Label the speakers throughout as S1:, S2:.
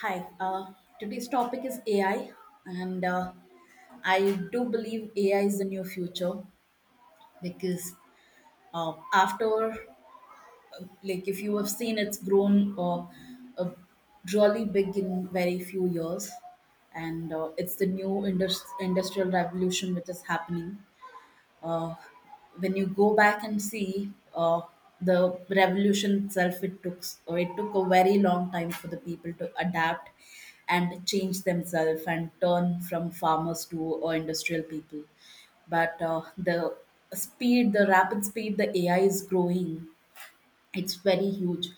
S1: Hi, today's topic is AI, and I do believe AI is the new future because uh, after, uh, like, if you have seen, it's grown uh, really big in very few years, and it's the new industrial revolution which is happening. uh, when you go back and see, the revolution itself, it took a very long time for the people to adapt and change themselves and turn from farmers to industrial people. But the speed, the rapid speed, the AI is growing. It's very huge.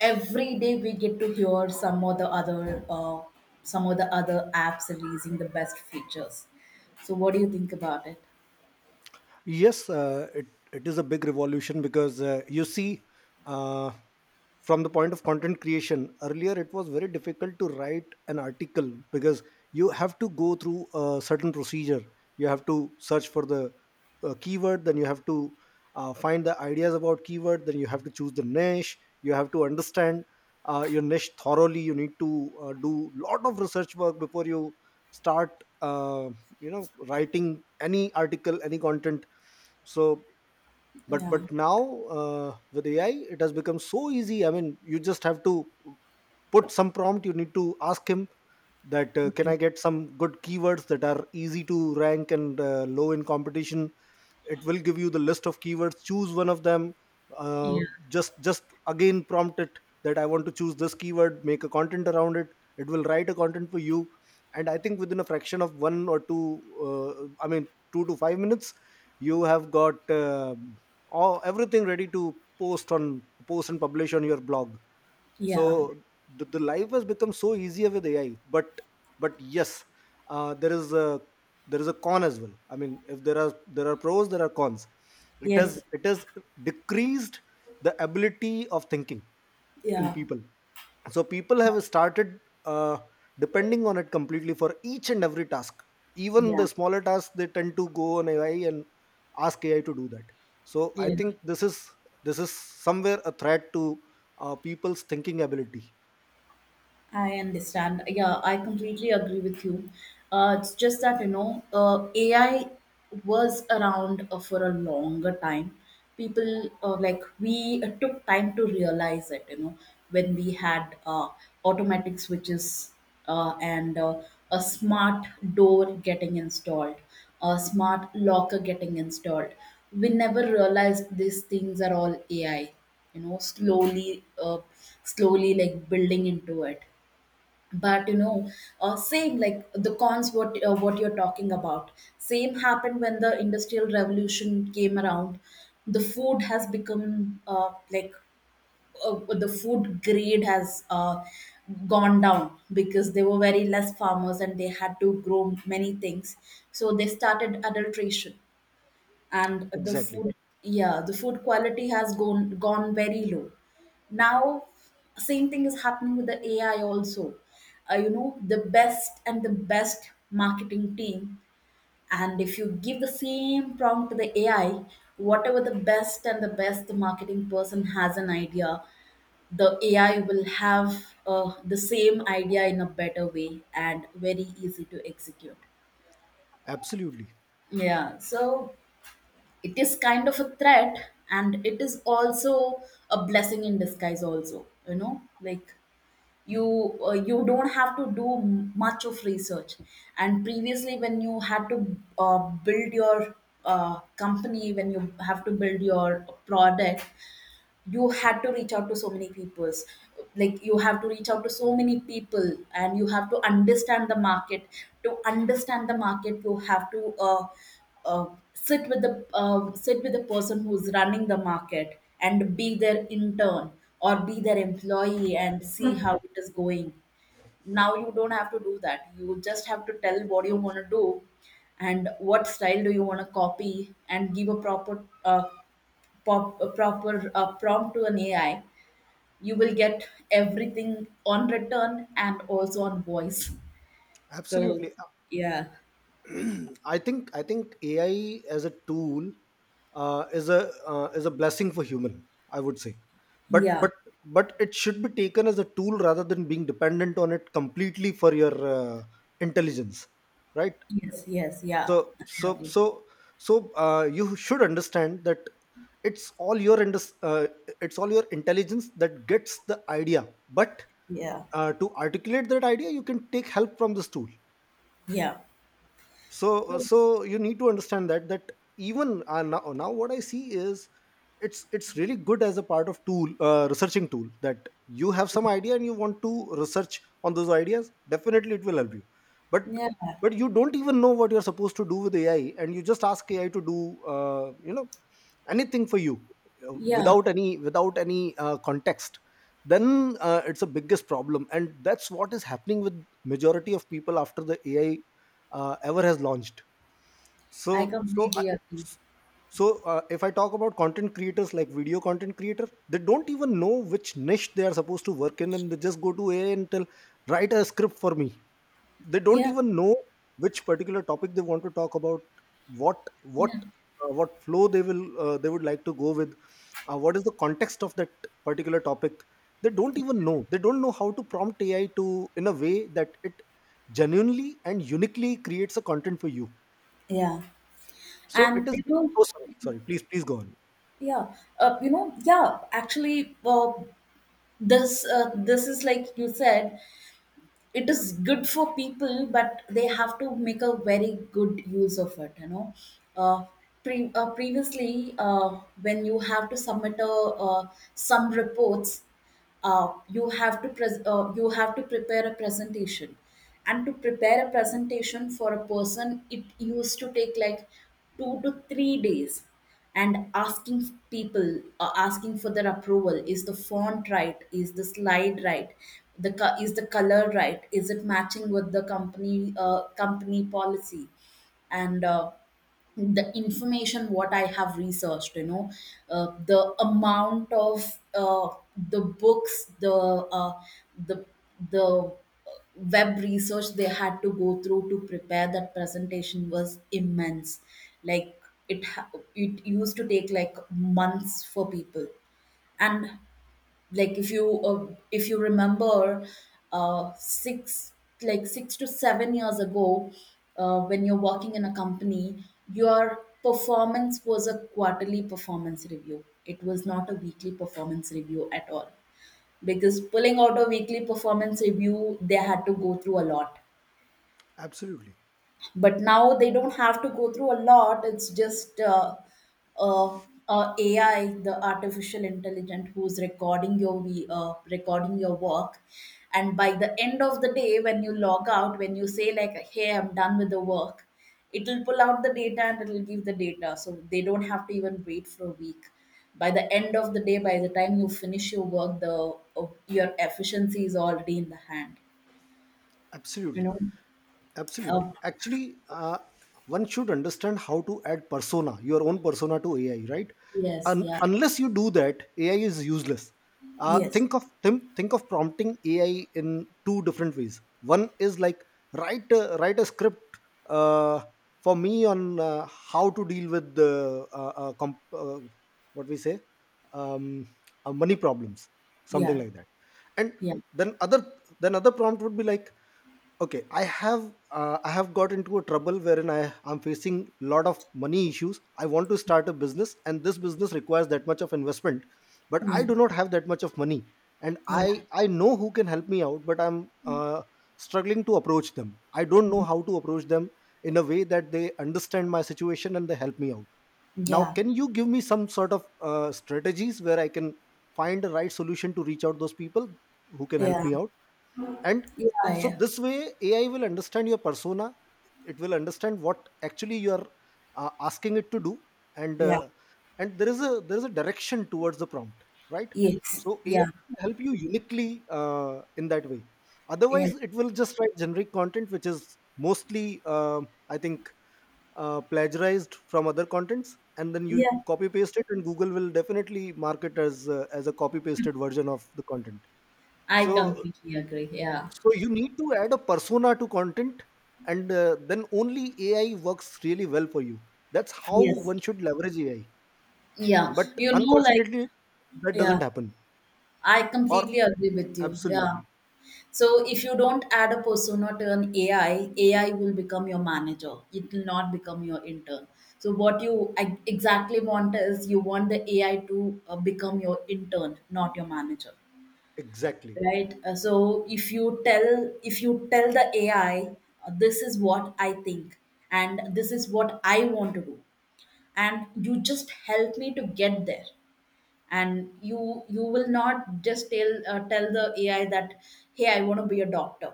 S1: Every day we get to hear some of the other apps releasing the best features. So what do you think about it?
S2: Yes, it is a big revolution because, you see, uh, from the point of content creation, earlier it was very difficult to write an article because you have to go through a certain procedure. You have to search for the keyword, then you have to find the ideas about keyword, then you have to choose the niche. You have to understand your niche thoroughly. You need to do lot of research work before you start, uh, writing any article, any content, so but
S1: Yeah.
S2: but now, with AI it has become so easy. I mean, you just have to put some prompt. You need to ask him that, can I get some good keywords that are easy to rank and low in competition? It will give you the list of keywords. Choose one of them. uh,
S1: Yeah.
S2: just again prompt it that I want to choose this keyword, make a content around it. It will write a content for you, and I think within a fraction of one or two, I mean 2 to 5 minutes, you have got all, everything ready to post and publish on your blog.
S1: Yeah.
S2: So the life has become so easier with AI, but yes, uh, there is a there is a con as well. I mean, if there are pros, there are cons. it
S1: Yes.
S2: has it has decreased the ability of thinking in
S1: Yeah.
S2: people. So people have started uh, depending on it completely for each and every task. Even
S1: Yeah.
S2: the smaller tasks, they tend to go on AI and ask AI to do that. So I
S1: Yeah.
S2: think this is somewhere a threat to people's thinking ability.
S1: I understand. Yeah, I completely agree with you. It's just that, AI was around for a longer time. People, like, we took time to realize it, you know, when we had automatic switches and a smart door getting installed, a smart locker getting installed. We never realized these things are all AI, you know, slowly, slowly, like, building into it. But same like the cons, what you're talking about, same happened when the industrial revolution came around. The food has become, the food grade has gone down because there were very less farmers and they had to grow many things, so they started adulteration. And the
S2: Exactly.
S1: food, yeah, the food quality has gone very low now. Same thing is happening with the AI also. You know, the best and the best marketing team, and if you give the same prompt to the AI, whatever the best and the best marketing person has an idea, the AI will have the same idea in a better way and very easy to execute.
S2: Absolutely.
S1: Yeah, so it is kind of a threat, and it is also a blessing in disguise also. You know, like, you don't have to do much of research. And previously when you had to build your company, when you have to build your product, you had to reach out to so many peoples. Like, you have to reach out to so many people, and you have to understand the market. To understand the market, you have to uh, sit with the person who's running the market and be their intern or be their employee and see how it is going. Now you don't have to do that. You just have to tell what you want to do and what style do you want to copy, and give a proper prompt to an AI. You will get everything on return and also on voice. So,
S2: Absolutely.
S1: yeah,
S2: I think AI as a tool is a blessing for human, I would say, but
S1: yeah,
S2: but but it should be taken as a tool rather than being dependent on it completely for your intelligence, right?
S1: yes, yes, yeah,
S2: So
S1: I
S2: so
S1: agree.
S2: so so you should understand that it's all your indus- uh, it's all your intelligence that gets the idea, but
S1: Yeah,
S2: to articulate that idea, you can take help from this tool.
S1: yeah.
S2: so uh,
S1: So,
S2: so you need to understand that, that even, now what I see is, it's really good as a part of tool, researching tool, that you have some idea and you want to research on those ideas. Definitely it will help you, but
S1: yeah,
S2: you don't even know what you're supposed to do with AI, and you just ask AI to do, anything for you,
S1: yeah,
S2: without any, context. Then it's a biggest problem, and that's what is happening with majority of people after the AI, ever has launched.
S1: I
S2: so so I
S1: completely agree.
S2: s so, uh, if I talk about content creators like video content creator, they don't even know which niche they are supposed to work in, and they just go to AI and tell, write a script for me. They don't
S1: Yeah,
S2: even know which particular topic they want to talk about, what what
S1: yeah,
S2: what flow they would like to go with, what is the context of that particular topic. They don't even know. They don't know how to prompt AI to in a way that it genuinely and uniquely creates a content for you.
S1: yeah.
S2: So it
S1: And
S2: is.
S1: you know,
S2: Oh, sorry. Sorry. Please, please go on.
S1: yeah, you know, yeah. Actually, this is like you said, it is good for people, but they have to make a very good use of it, you know. uh, Previously, when you have to submit a, uh, some reports, you have to prepare a presentation. And to prepare a presentation for a person, it used to take like 2 to 3 days. And asking people, asking for their approval. Is the font right? Is the slide right? Is the color right? Is it matching with the company policy? And the information what I have researched, you know. The amount of, the books, the the web research they had to go through to prepare that presentation was immense. Like, it ha- it used to take like months for people. And, like, if you remember, uh, six 6 to 7 years ago, when you're working in a company, your performance was a quarterly performance review. It was not a weekly performance review at all, because pulling out a weekly performance review they had to go through a lot.
S2: Absolutely.
S1: But now they don't have to go through a lot. It's just uh, AI, the artificial intelligence who's recording your recording your work. And by the end of the day, when you log out, when you say like, hey, I'm done with the work, it'll pull out the data and it'll give the data, so they don't have to even wait for a week. By the end of the day, by the time you finish your work, the your efficiency is already in the hand. You
S2: Absolutely.
S1: know. uh,
S2: Absolutely. Actually, one should understand how to add persona, your own persona to AI, right?
S1: yes,
S2: Un-
S1: yeah,
S2: unless you do that, AI is useless.
S1: yes.
S2: Think of prompting AI in two different ways. One is like, write a script uh, for me on, how to deal with the, what we say, um, money problems, something
S1: Yeah,
S2: like that. And
S1: yeah,
S2: then other, prompt would be like, okay, I have got into a trouble wherein I am facing lot of money issues. I want to start a business, and this business requires that much of investment, but I
S1: yeah,
S2: do not have that much of money, and i
S1: yeah,
S2: i know who can help me out, but I'm, uh, struggling to approach them. I don't know how to approach them in a way that they understand my situation and they help me out. Now
S1: yeah,
S2: can you give me some sort of strategies where I can find the right solution to reach out those people who can help
S1: yeah,
S2: me out? And
S1: yeah,
S2: so
S1: yeah,
S2: this way, AI will understand your persona. It will understand what actually you are asking it to do, and
S1: yeah,
S2: uh, and there is a direction towards the prompt, right?
S1: yes,
S2: So AI
S1: yeah,
S2: can help you uniquely, uh, in that way.
S1: yeah,
S2: Otherwise, it will just write generic content which is mostly, I think, plagiarized from other contents, and then you
S1: yeah.
S2: copy paste it, and Google will definitely mark it as a copy pasted version of the content.
S1: I
S2: so
S1: completely agree. Yeah,
S2: so you need to add a persona to content, and then only AI works really well for you. That's how
S1: yes,
S2: one should leverage AI.
S1: yeah.
S2: But
S1: You know, like,
S2: unfortunately, that
S1: yeah,
S2: doesn't happen.
S1: I
S2: Or
S1: completely agree with you. Yeah.
S2: absolutely,
S1: So if you don't add a persona to an AI, AI will become your manager. It will not become your intern. So what you exactly want is you want the AI to become your intern, not your manager.
S2: exactly,
S1: Right. So if you tell the AI, this is what I think, and this is what I want to do, and you just help me to get there. And you will not just tell the AI that, hey, I want to be a doctor,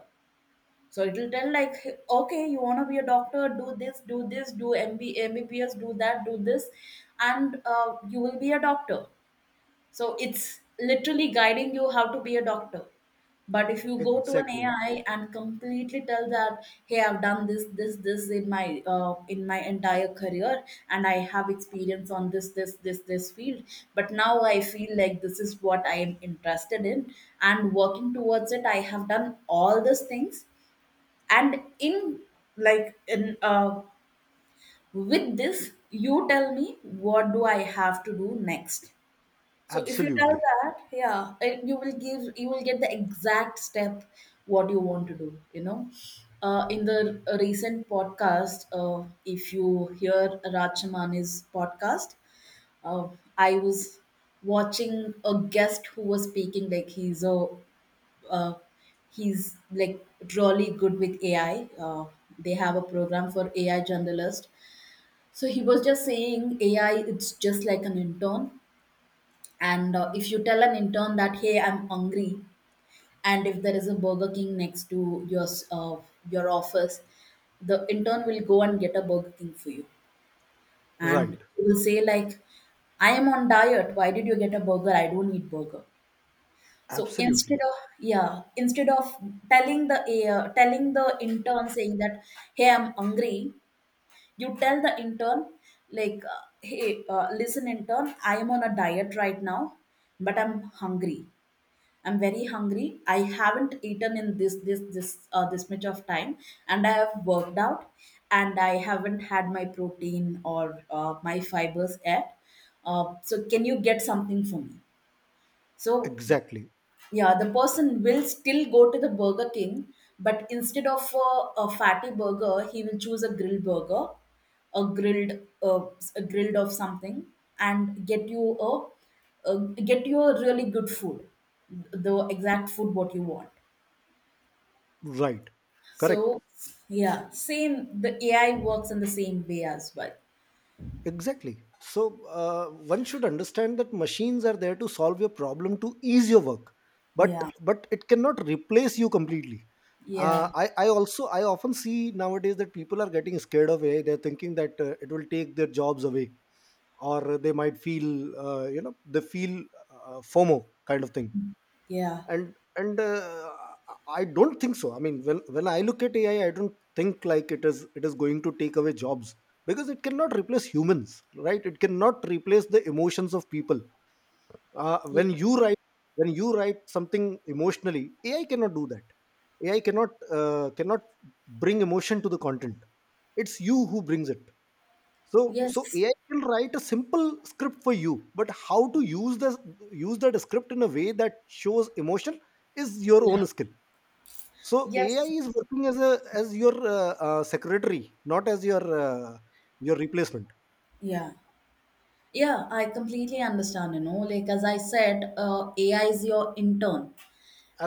S1: so it will tell like, "Hey, okay, you want to be a doctor, do this, do this, do M B M B B S, do that, do this, and you will be a doctor." So it's literally guiding you how to be a doctor. But if you go to an
S2: exactly,
S1: AI and completely tell that, hey, I've done this, this, this in my entire career, and I have experience on this, this, this, this field, but now I feel like this is what I am interested in, and working towards it, I have done all these things, and in like in with this, you tell me what do I have to do next. So if you tell
S2: absolutely,
S1: that, yeah, and you will get the exact step what you want to do. You know, in the recent podcast, if you hear Rajamani's podcast, uh, I was watching a guest who was speaking like uh, he's like really good with AI. They have a program for AI journalists. So he was just saying AI, it's just like an intern. And if you tell an intern that, hey, I'm hungry, and if there is a Burger King next to your your office, the intern will go and get a Burger King for you, and
S2: right,
S1: he will say like, I am on diet. Why did you get a burger? I don't eat burger. So instead
S2: absolutely,
S1: of, yeah, instead of telling the intern saying that, hey, I'm hungry, you tell the intern like, hey, listen, intern, I am on a diet right now, but I'm hungry. I'm very hungry. I haven't eaten in this much of time, and I have worked out, and I haven't had my protein or my fibers yet. So can you get something for me? So,
S2: exactly,
S1: yeah, the person will still go to the Burger King, but instead of a fatty burger, he will choose a grilled burger, a grilled uh, a grilled of something, and get you a really good food, the exact food what you want.
S2: right, correct.
S1: So, yeah, same. The ai works in the same way as well.
S2: Exactly. So one should understand that machines are there to solve your problem, to ease your work, but
S1: Yeah,
S2: but it cannot replace you completely. Uh,
S1: yeah,
S2: I I also I often see nowadays that people are getting scared of AI. They're thinking that it will take their jobs away, or they might feel you know they feel FOMO kind of thing,
S1: yeah,
S2: and and I don't think so. I mean, when I look at AI, I don't think like it is going to take away jobs, because it cannot replace humans, right? It cannot replace the emotions of people. Uh, when you write when you write something emotionally, AI cannot do that. AI cannot, uh, cannot bring emotion to the content. It's you who brings it. So
S1: yes,
S2: AI can write a simple script for you, but how to use that script in a way that shows emotion is your
S1: yeah,
S2: own skill. So AI
S1: yes,
S2: is working as a as your secretary, not as your replacement.
S1: yeah. Yeah, I completely understand, you know. Like as I said, AI is your intern,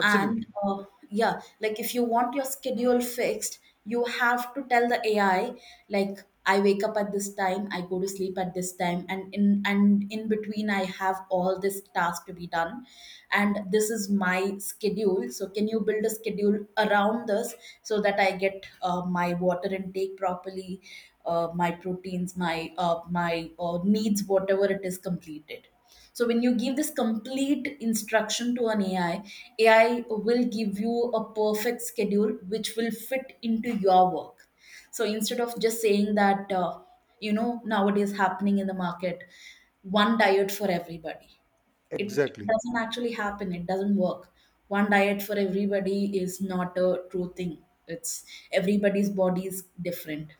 S1: and yeah, like, if you want your schedule fixed, you have to tell the AI, like, I wake up at this time, I go to sleep at this time, and in between I have all this task to be done, and this is my schedule, so can you build a schedule around this so that I get my water intake properly, my proteins, my needs, whatever it is, completed. So when you give this complete instruction to an AI, AI will give you a perfect schedule which will fit into your work. So instead of just saying that, you know, nowadays happening in the market, one diet for everybody, it
S2: exactly.
S1: doesn't actually happen. It doesn't work. One diet for everybody is not a true thing. It's everybody's body is different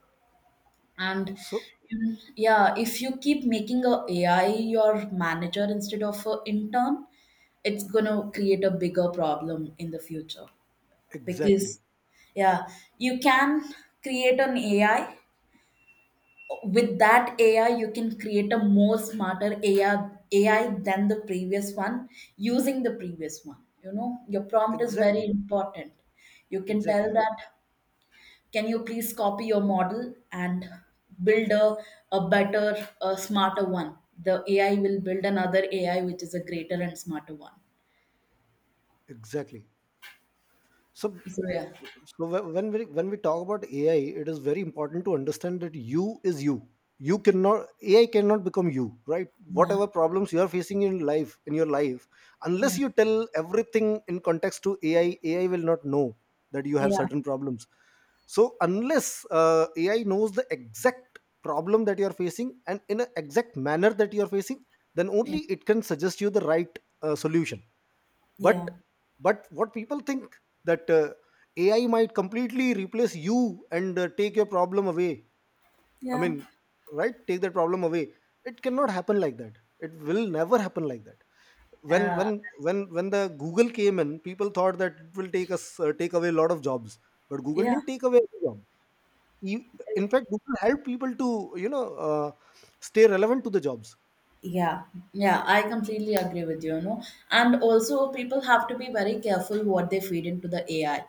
S1: and
S2: So
S1: yeah, if you keep making a ai your manager instead of an intern, it's going to create a bigger problem in the future because
S2: exactly,
S1: yeah you can create an ai. With that ai you can create a more smarter ai than the previous one using the previous one. You know your prompt is very
S2: exactly,
S1: important. You can tell
S2: exactly,
S1: that can you please copy your model and build a better a smarter one. The ai will build another ai which is a greater and smarter one.
S2: exactly. So,
S1: So yeah,
S2: when we talk about AI, it is very important to understand that you is you. You cannot AI cannot become you, right?
S1: yeah,
S2: Whatever problems you are facing in your life, unless
S1: yeah,
S2: you tell everything in context to AI, AI will not know that you have
S1: yeah,
S2: certain problems. So unless AI knows the exact problem that you are facing and in an exact manner that you are facing, then only
S1: yeah,
S2: it can suggest you the right solution, but
S1: yeah,
S2: but what people think, that AI might completely replace you and take your problem away, I mean,
S1: yeah,
S2: right, take that problem away. It cannot happen like that. It will never happen like that. when when
S1: uh,
S2: when when the Google came in, people thought that it will take away a lot of jobs, but Google
S1: yeah,
S2: didn't take away any job. E- in fact, Google helped people to, you know uh, stay relevant to the jobs.
S1: yeah, yeah, I completely agree with you, you know. And also people have to be very careful what they feed into the ai.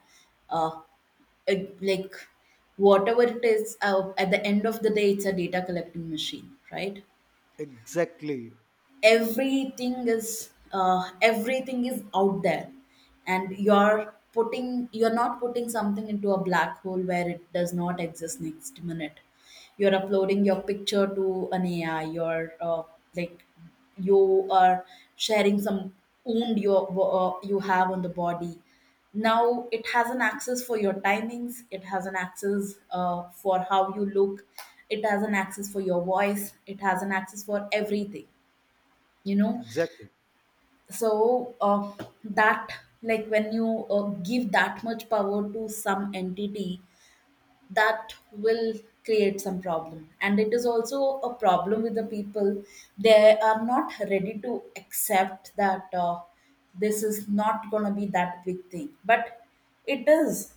S1: uh, like, whatever it is, at the end of the day, it's a data collecting machine, right?
S2: Exactly,
S1: Everything is out there, and you're not putting something into a black hole where it does not exist next minute. You're uploading your picture to an ai, you're like, you are sharing some wound you have on the body. Now it has an access for your timings, it has an access for how you look, it has an access for your voice, it has an access for everything, you know.
S2: exactly.
S1: So that, like, when you give that much power to some entity, that will create some problem. And it is also a problem with the people, they are not ready to accept that, this is not going to be that big thing, but it is.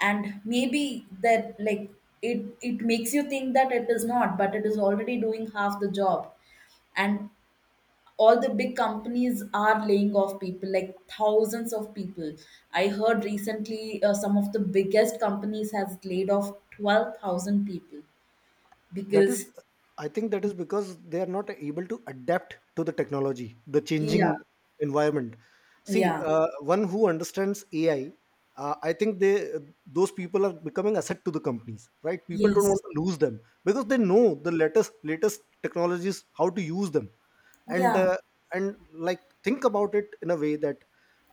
S1: And maybe that, like, it makes you think that it is not, but it is already doing half the job. And all the big companies are laying off people, like thousands of people. I heard recently some of the biggest companies has laid off 12,000 people
S2: that is
S1: because
S2: I think that is because they are not able to adapt to the technology, the changing
S1: yeah,
S2: environment. See,
S1: yeah,
S2: uh, one who understands AI, I think they those people are becoming asset to the companies. Right, people don't
S1: yes,
S2: want to lose them, because they know the latest technologies, how to use them, and
S1: yeah,
S2: uh, and like, think about it in a way that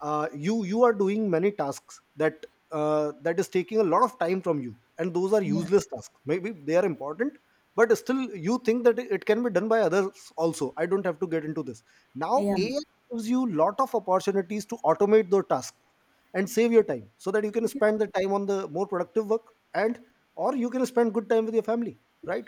S2: you are doing many tasks that, is taking a lot of time from you, and those are
S1: yeah,
S2: useless tasks, maybe they are important, but still you think that it can be done by others also. I don't have to get into this. Now
S1: yeah,
S2: AI gives you lot of opportunities to automate those tasks, and save your time so that you can
S1: yeah,
S2: spend the time on the more productive work, and or you can spend good time with your family, right?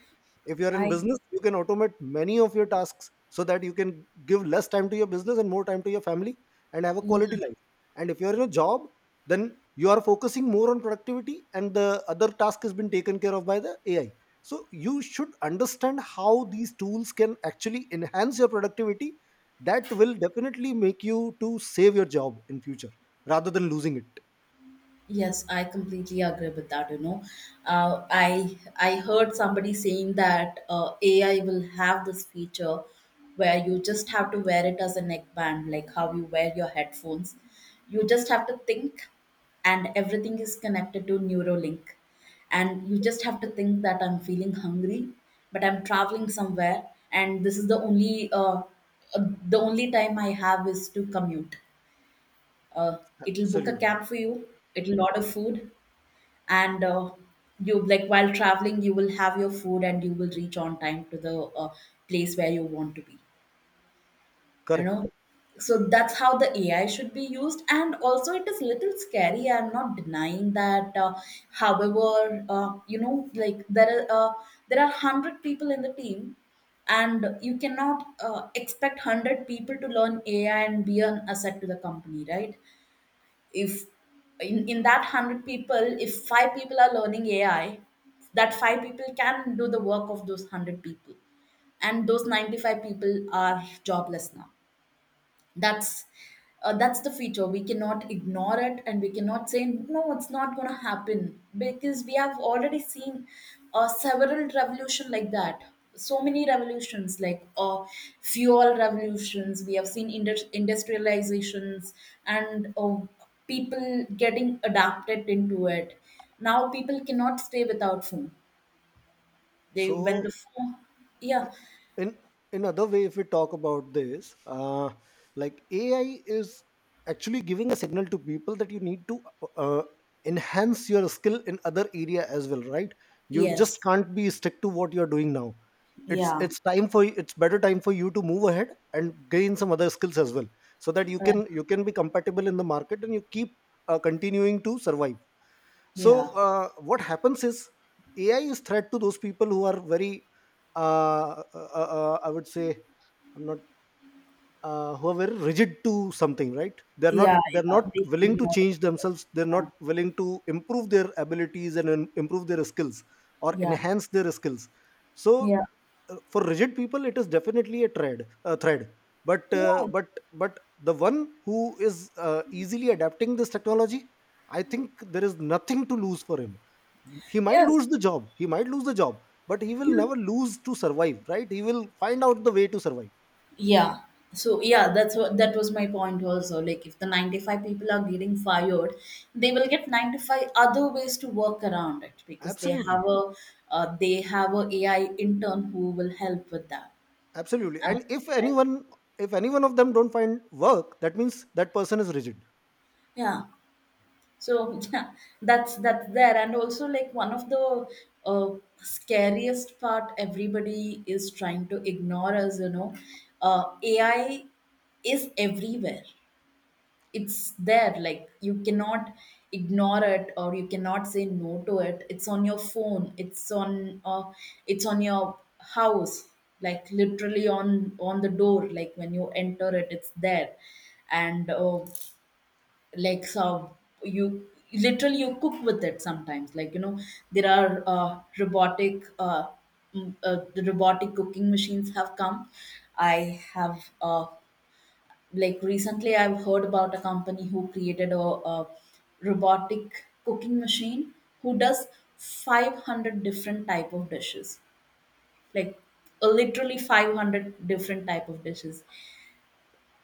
S2: If you're in
S1: I
S2: business, you can automate many of your tasks so that you can give less time to your business and more time to your family, and have a
S1: yeah.
S2: quality life. And if you're in a job, then you are focusing more on productivity, and the other task has been taken care of by the AI. So you should understand how these tools can actually enhance your productivity. That will definitely make you to save your job in future, rather than losing it.
S1: Yes, I completely agree with that. You know, uh, I heard somebody saying that AI will have this feature where you just have to wear it as a neckband, like how you wear your headphones. You just have to think, and everything is connected to Neuralink, and you just have to think that I'm feeling hungry, but I'm traveling somewhere, and this is the only time I have is to commute. Uh, it'll book a
S2: Absolutely.
S1: cab for you. It'll order food and you, like while traveling, you will have your food and you will reach on time to the place where you want to be, you
S2: Correct.
S1: know. So that's how the ai should be used. And also it is little scary, I'm not denying that. However, you know, like there are 100 people in the team, and you cannot expect 100 people to learn ai and be an asset to the company, right? If in that 100 people, if five people are learning ai, that five people can do the work of those 100 people, and those 95 people are jobless now. That's that's the feature, we cannot ignore it, and we cannot say no it's not going to happen because we have already seen several revolution like that. So many revolutions, like fuel revolutions, we have seen industrializations, and people getting adapted into it. Now people cannot stay without phone. They when
S2: So,
S1: the phone yeah,
S2: in in other way, if we talk about this, like AI is actually giving a signal to people that you need to uh, enhance your skill in other area as well, right? You just
S1: yes,
S2: can't be stick to what you're doing now. it's
S1: yeah,
S2: it's time for it's better time for you to move ahead and gain some other skills as well, so that you
S1: uh,
S2: can you can be compatible in the market, and you keep continuing to survive.
S1: yeah.
S2: So what happens is AI is threat to those people who are very I would say I'm not who are very rigid to something, right? they're not
S1: Yeah,
S2: they're
S1: yeah,
S2: not
S1: they
S2: willing to
S1: ignore
S2: change
S1: the words.
S2: themselves, they're not
S1: Yeah,
S2: willing to improve their abilities and improve their skills or
S1: yeah,
S2: enhance their skills. So
S1: yeah,
S2: for rigid people, it is definitely a thread, a thread. but uh,
S1: yeah.
S2: but but the one who is easily adapting this technology, I think there is nothing to lose for him. He might
S1: Yes.
S2: lose the job he might lose the job but he will
S1: Yeah.
S2: never lose to survive, right? He will find out the way to survive.
S1: Yeah. So yeah, that's what, that was my point also. Like if the 95 people are getting fired, they will get 95 other ways to work around it because they have
S2: Absolutely.
S1: a AI intern who will help with that.
S2: Absolutely.
S1: Uh,
S2: And if
S1: right?
S2: anyone, if any one of them don't find work, that means that person is rigid.
S1: Yeah. So yeah, that's there. And also, like, one of the uh, scariest part everybody is trying to ignore, as you know, AI is everywhere. It's there. Like you cannot ignore it, or you cannot say no to it. It's on your phone. It's on your house. Like literally on the door. Like when you enter it, it's there. And like, so you literally you cook with it sometimes, like, you know, there are robotic the robotic cooking machines have come. I have like, recently I've heard about a company who created a robotic cooking machine who does 500 different type of dishes. Like, literally 500 different type of dishes.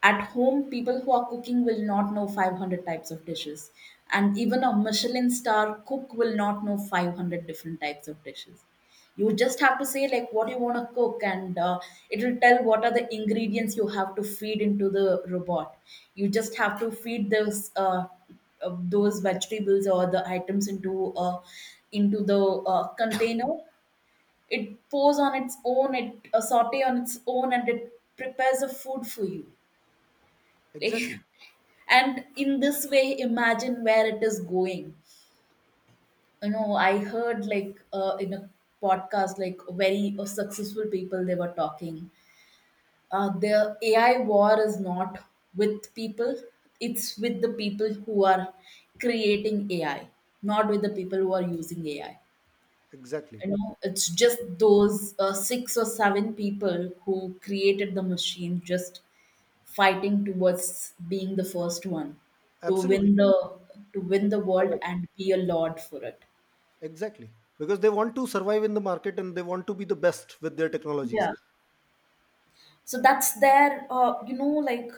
S1: At home, people who are cooking will not know 500 types of dishes, and even a michelin star cook will not know 500 different types of dishes. You just have to say like what you want to cook, and it will tell what are the ingredients you have to feed into the robot. You just have to feed those vegetables or the items into the container. It pours on its own, it saute on its own, and it prepares the food for you, like.
S2: Exactly.
S1: And in this way, imagine where it is going. You know, I heard like in a podcast like very successful people, they were talking. Uh, the ai war is not with people, it's with the people who are creating ai, not with the people who are using ai.
S2: Exactly.
S1: You know, it's just those six or seven people who created the machine just fighting towards being the first one to
S2: Absolutely.
S1: win the to win the world
S2: Correct.
S1: and be a lord for it.
S2: Exactly. Because they want to survive in the market and they want to be the best with their technologies.
S1: Yeah. So that's their you know like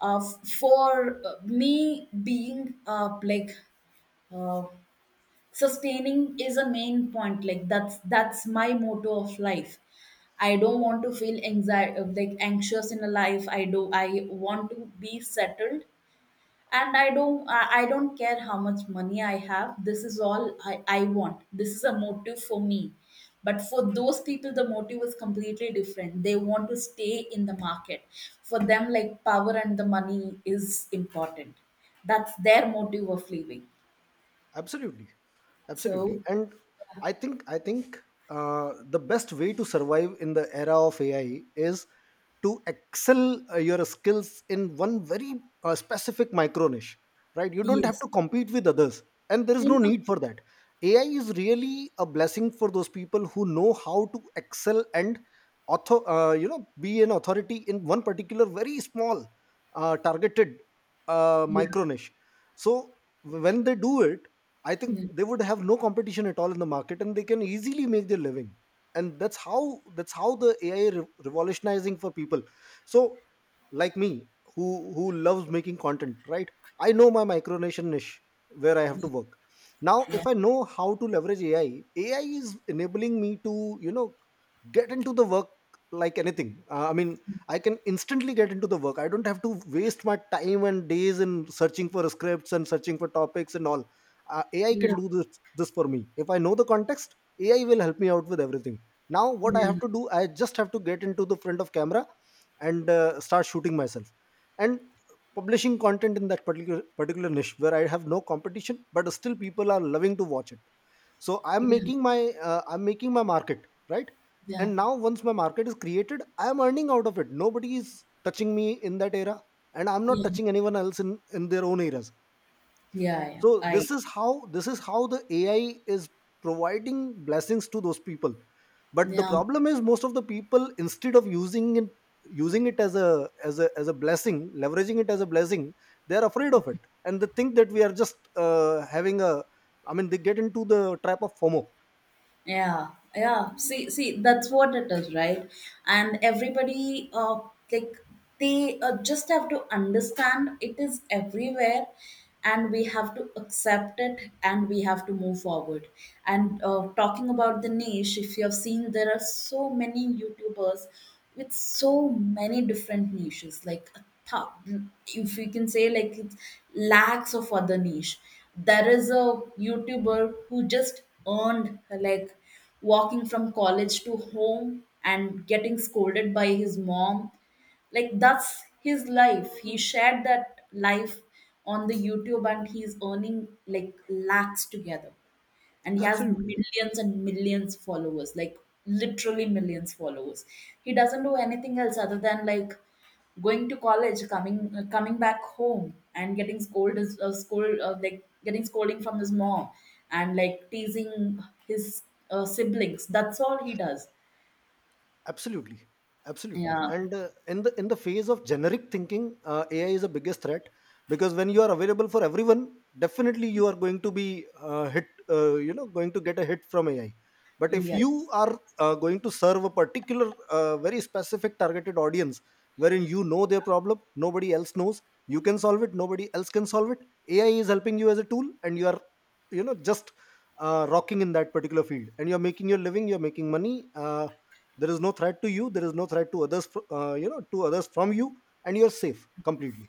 S1: f- for me being like, uh, sustaining is a main point, like, that's my motto of life. I don't want to feel anxiety like anxious in a life. I do, I want to be settled, and I don't care how much money I have. This is all I want, this is a motive for me. But for those people, the motive is completely different, they want to stay in the market. For them, like, power and the money is important, that's their motive of living.
S2: Absolutely. Absolutely.
S1: So
S2: And I think the best way to survive in the era of AI is to excel your skills in one very specific micro niche, right? You don't have
S1: yes,
S2: to compete with others, and there is no
S1: yeah,
S2: need for that. AI is really a blessing for those people who know how to excel and author you know, be an authority in one particular very small, targeted,
S1: yeah,
S2: micro niche. So when they do it, I think
S1: yeah,
S2: they would have no competition at all in the market, and they can easily make their living. And that's how the AI revolutionizing for people. So, like me, who loves making content, right? I know my micronation niche where I have to work. Now,
S1: yeah,
S2: if I know how to leverage AI, AI is enabling me to, you know, get into the work like anything. I mean, I can instantly get into the work. I don't have to waste my time and days in searching for scripts and searching for topics and all. AI can
S1: yeah,
S2: do this for me. If I know the context, AI will help me out with everything. Now what I have
S1: yeah,
S2: to do, I just have to get into the front of camera and start shooting myself and publishing content in that particular niche where I have no competition, but still people are loving to watch it. So I'm making my, I'm making my market, right?
S1: yeah,
S2: And now once my market is created, I am earning out of it. Nobody is touching me in that era, and I'm not
S1: yeah,
S2: touching anyone else in their own areas.
S1: yeah, yeah,
S2: So
S1: I
S2: this is
S1: agree.
S2: how, this is how the AI is providing blessings to those people. But the
S1: Yeah,
S2: problem is most of the people, instead of using it, using it as a blessing, leveraging it as a blessing, they are afraid of it. And they think that we are just having a I mean they get into the trap of FOMO.
S1: yeah, yeah. See, see, that's what it is, right? And everybody, like, they just have to understand it is everywhere, and we have to accept it, and we have to move forward. And talking about the niche, if you have seen, there are so many YouTubers with so many different niches, like a thou- if you can say, like, it's lakhs of other niche. There is a YouTuber who just earned like walking from college to home and getting scolded by his mom, like that's his life. He shared that life on the youtube, and he's earning like lakhs together, and he has
S2: Absolutely.
S1: millions and millions followers, like literally millions followers. He doesn't do anything else other than like going to college, coming coming back home, and getting scolded scold like getting scolding from his mom, and like teasing his siblings. That's all he does.
S2: Absolutely. Absolutely.
S1: Yeah,
S2: And in the phase of generic thinking, AI is the biggest threat, because when you are available for everyone, definitely you are going to be hit, you know, going to get a hit from AI. But if
S1: yeah,
S2: you are going to serve a particular very specific targeted audience, wherein you know their problem, nobody else knows, you can solve it, nobody else can solve it. AI is helping you as a tool, and you are, you know, just rocking in that particular field, and you're making your living, you're making money. There is no threat to you, there is no threat to others, you know, to others from you, and you're safe completely.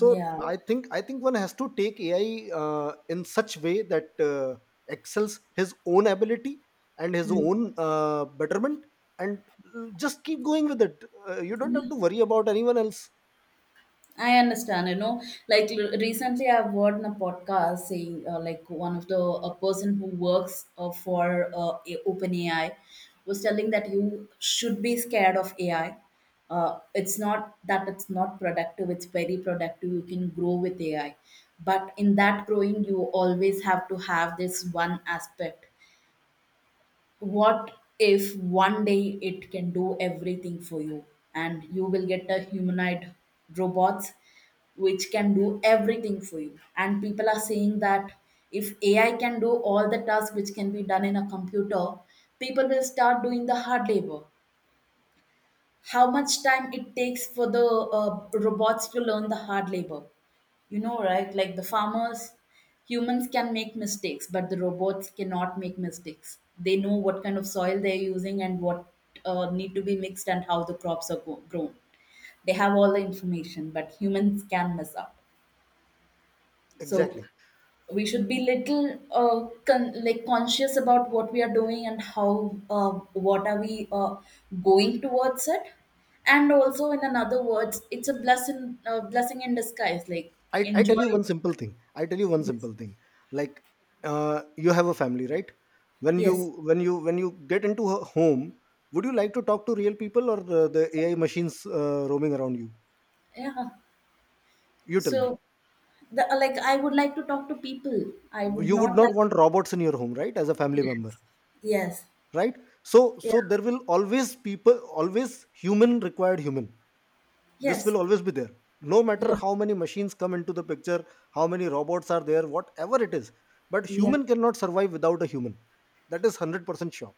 S2: So
S1: yeah.
S2: I think one has to take AI in such way that excels his own ability and his
S1: Hmm.
S2: own betterment, and just keep going with it. You don't have to worry about anyone else.
S1: I understand, you know, like recently I've heard in a podcast saying, like one of the a person who works for OpenAI was telling that you should be scared of AI. It's not that it's not productive; it's very productive. You can grow with AI, but in that growing, you always have to have this one aspect: what if one day it can do everything for you, and you will get a humanoid robots which can do everything for you. And people are saying that if ai can do all the tasks which can be done in a computer, people will start doing the hard labor. How much time it takes for the robots to learn the hard labor? You know, right? Like the farmers, humans can make mistakes, but the robots cannot make mistakes. They know what kind of soil they're using and what need to be mixed and how the crops are grown. They have all the information, but humans can mess up. So
S2: Exactly.
S1: we should be little like conscious about what we are doing and how what are we going towards it. And also in another words, it's a blessing blessing in disguise, like,
S2: I tell
S1: enjoy
S2: you
S1: it.
S2: one simple thing. I tell you one
S1: Yes.
S2: simple thing. Like, you have a family, right? When
S1: Yes.
S2: you get into a home, would you like to talk to real people, or the AI machines roaming around you?
S1: Yeah.
S2: You tell me.
S1: So the like, I would like to talk to people. I would
S2: You would
S1: not
S2: not
S1: like
S2: want robots in your home, right? As a family member,
S1: yes. Yes.
S2: right? So
S1: Yeah.
S2: so there will always people, always human required human. This will
S1: Yes.
S2: always be there, no matter
S1: Yeah.
S2: how many machines come into the picture, how many robots are there, whatever it is. But
S1: Yeah.
S2: human cannot survive without a human. That is 100% sure.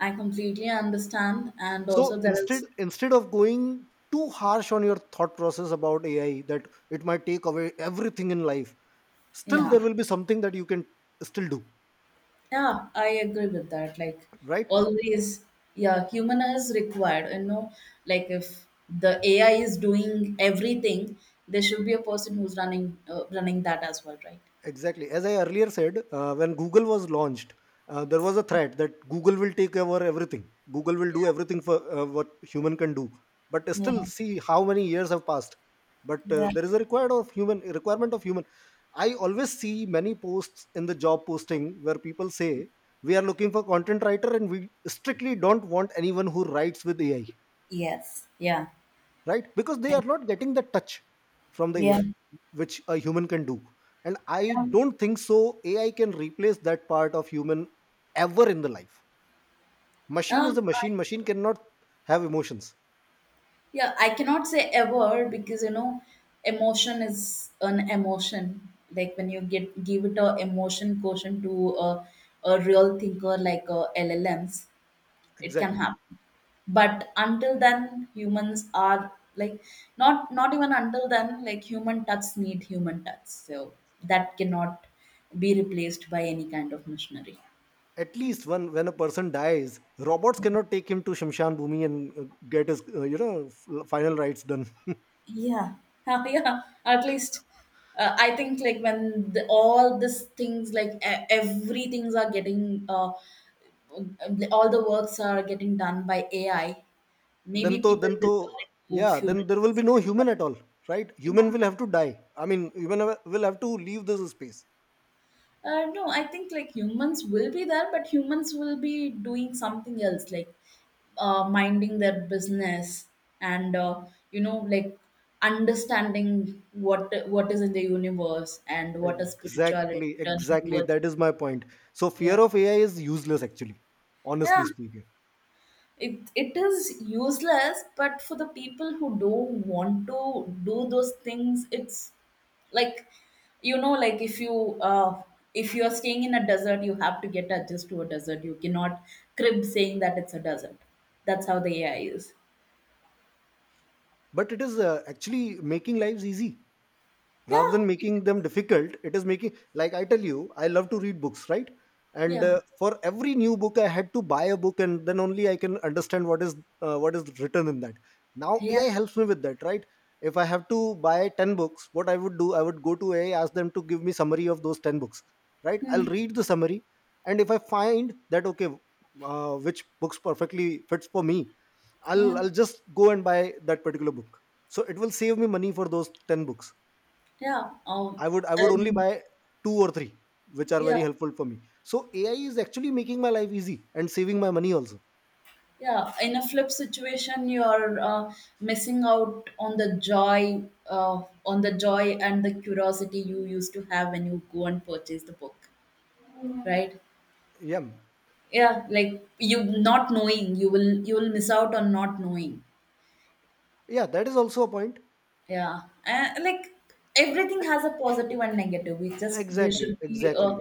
S1: I completely understand. And
S2: So
S1: also there
S2: instead
S1: is
S2: instead of going too harsh on your thought process about AI, that it might take away everything in life, still
S1: yeah.
S2: there will be something that you can still do,
S1: Yeah, I agree with that. Like
S2: right?
S1: always, yeah, human is required. You know, like if the AI is doing everything, there should be a person who's running running that as well, right?
S2: Exactly. As I earlier said, when Google was launched, there was a threat that Google will take over everything. Google will do everything for what human can do. But still,
S1: Yeah.
S2: see how many years have passed. But
S1: Yeah.
S2: there is a required of human, requirement of human. I always see many posts in the job posting where people say we are looking for content writer and we strictly don't want anyone who writes with AI,
S1: Yes. Yeah.
S2: right? Because they
S1: I-
S2: are not getting the touch from the
S1: Yeah.
S2: AI which a human can do. And I
S1: Yeah.
S2: don't think so AI can replace that part of human ever in the life. Machine is
S1: Um,
S2: a machine.
S1: I,
S2: Machine cannot have emotions.
S1: yeah, I cannot say ever because, you know, emotion is an emotion. Like when you get give it a emotion quotient to a real thinker like LLMs, it can
S2: Exactly.
S1: happen. But until then, humans are like not not even until then, like human touch need human touch. So that cannot be replaced by any kind of machinery.
S2: At least when a person dies, robots cannot take him to shamshan bhumi and get his you know, final rites done.
S1: Yeah, yeah. At least I think like when all these things, like everything's are getting all the works are getting done by AI.
S2: Then
S1: Maybe
S2: to,
S1: people
S2: then to,
S1: will turn it to
S2: yeah,
S1: fuel
S2: then there will be no human at all,
S1: spirituality.
S2: right? Human
S1: Yeah.
S2: will have to die. I mean, human will have to leave this space.
S1: No, I think like humans will be there, but humans will be doing something else, like minding their business, and you know, like, understanding what is in the universe and what is spirituality
S2: Exactly,
S1: turning
S2: exactly.
S1: towards.
S2: That is my point. So fear
S1: Yeah,
S2: of AI is useless, actually,
S1: yeah.
S2: honestly speaking.
S1: It is useless, but for the people who don't want to do those things, it's like, you know, like if you are staying in a desert, you have to get adjusted to a desert. You cannot crib saying that it's a desert. That's how the ai is.
S2: But it is, actually making lives easy rather
S1: Yeah.
S2: than
S1: It-
S2: making them difficult. It is making, like, I tell you, I love to read books, right? And
S1: yeah.
S2: for every new book, I had to buy a book, and then only I can understand what is written in that. Now
S1: Yeah.
S2: AI helps me with that, right? If I have to buy 10 books, what I would do, I would go to AI, ask them to give me summary of those 10 books, right? I'll
S1: Hmm.
S2: read the summary, and if I find that, okay, which books perfectly fits for me, i'll
S1: Yeah.
S2: i'll just go and buy that particular book. So it will save me money for those 10 books.
S1: Yeah.
S2: I would, I would only
S1: And
S2: buy two or three which are
S1: yeah.
S2: very helpful for me. So AI is actually making my life easy and saving my money also.
S1: Yeah, in a flip situation, you're missing out on the joy and the curiosity you used to have when you go and purchase the book, right?
S2: Yeah,
S1: Yeah, like you not knowing, you will miss out on not knowing.
S2: yeah, that is also a point.
S1: Yeah, and like everything has a positive and negative. We just there
S2: Exactly,
S1: should be a
S2: exactly,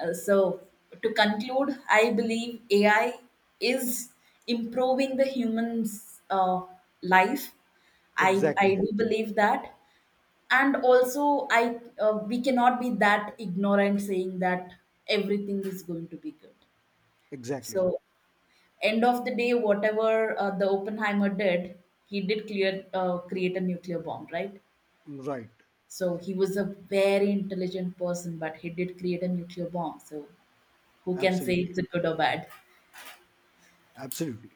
S1: uh, so to conclude, I believe AI is improving the human's life. I
S2: exactly,
S1: do believe that, and also I we cannot be that ignorant saying that everything is going to be good.
S2: exactly.
S1: So end of the day, whatever the Oppenheimer did, he did clear create a nuclear bomb, right?
S2: Right,
S1: So he was a very intelligent person, but he did create a nuclear bomb. So who can say
S2: absolutely,
S1: it's a good or bad?
S2: absolutely.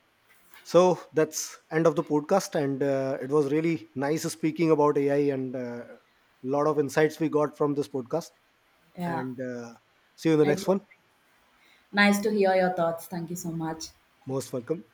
S2: So that's end of the podcast, and it was really nice speaking about AI, and a lot of insights we got from this podcast.
S1: Yeah,
S2: And see you in the
S1: it
S2: next
S1: was
S2: one.
S1: nice to hear your thoughts. Thank you so much.
S2: Most welcome.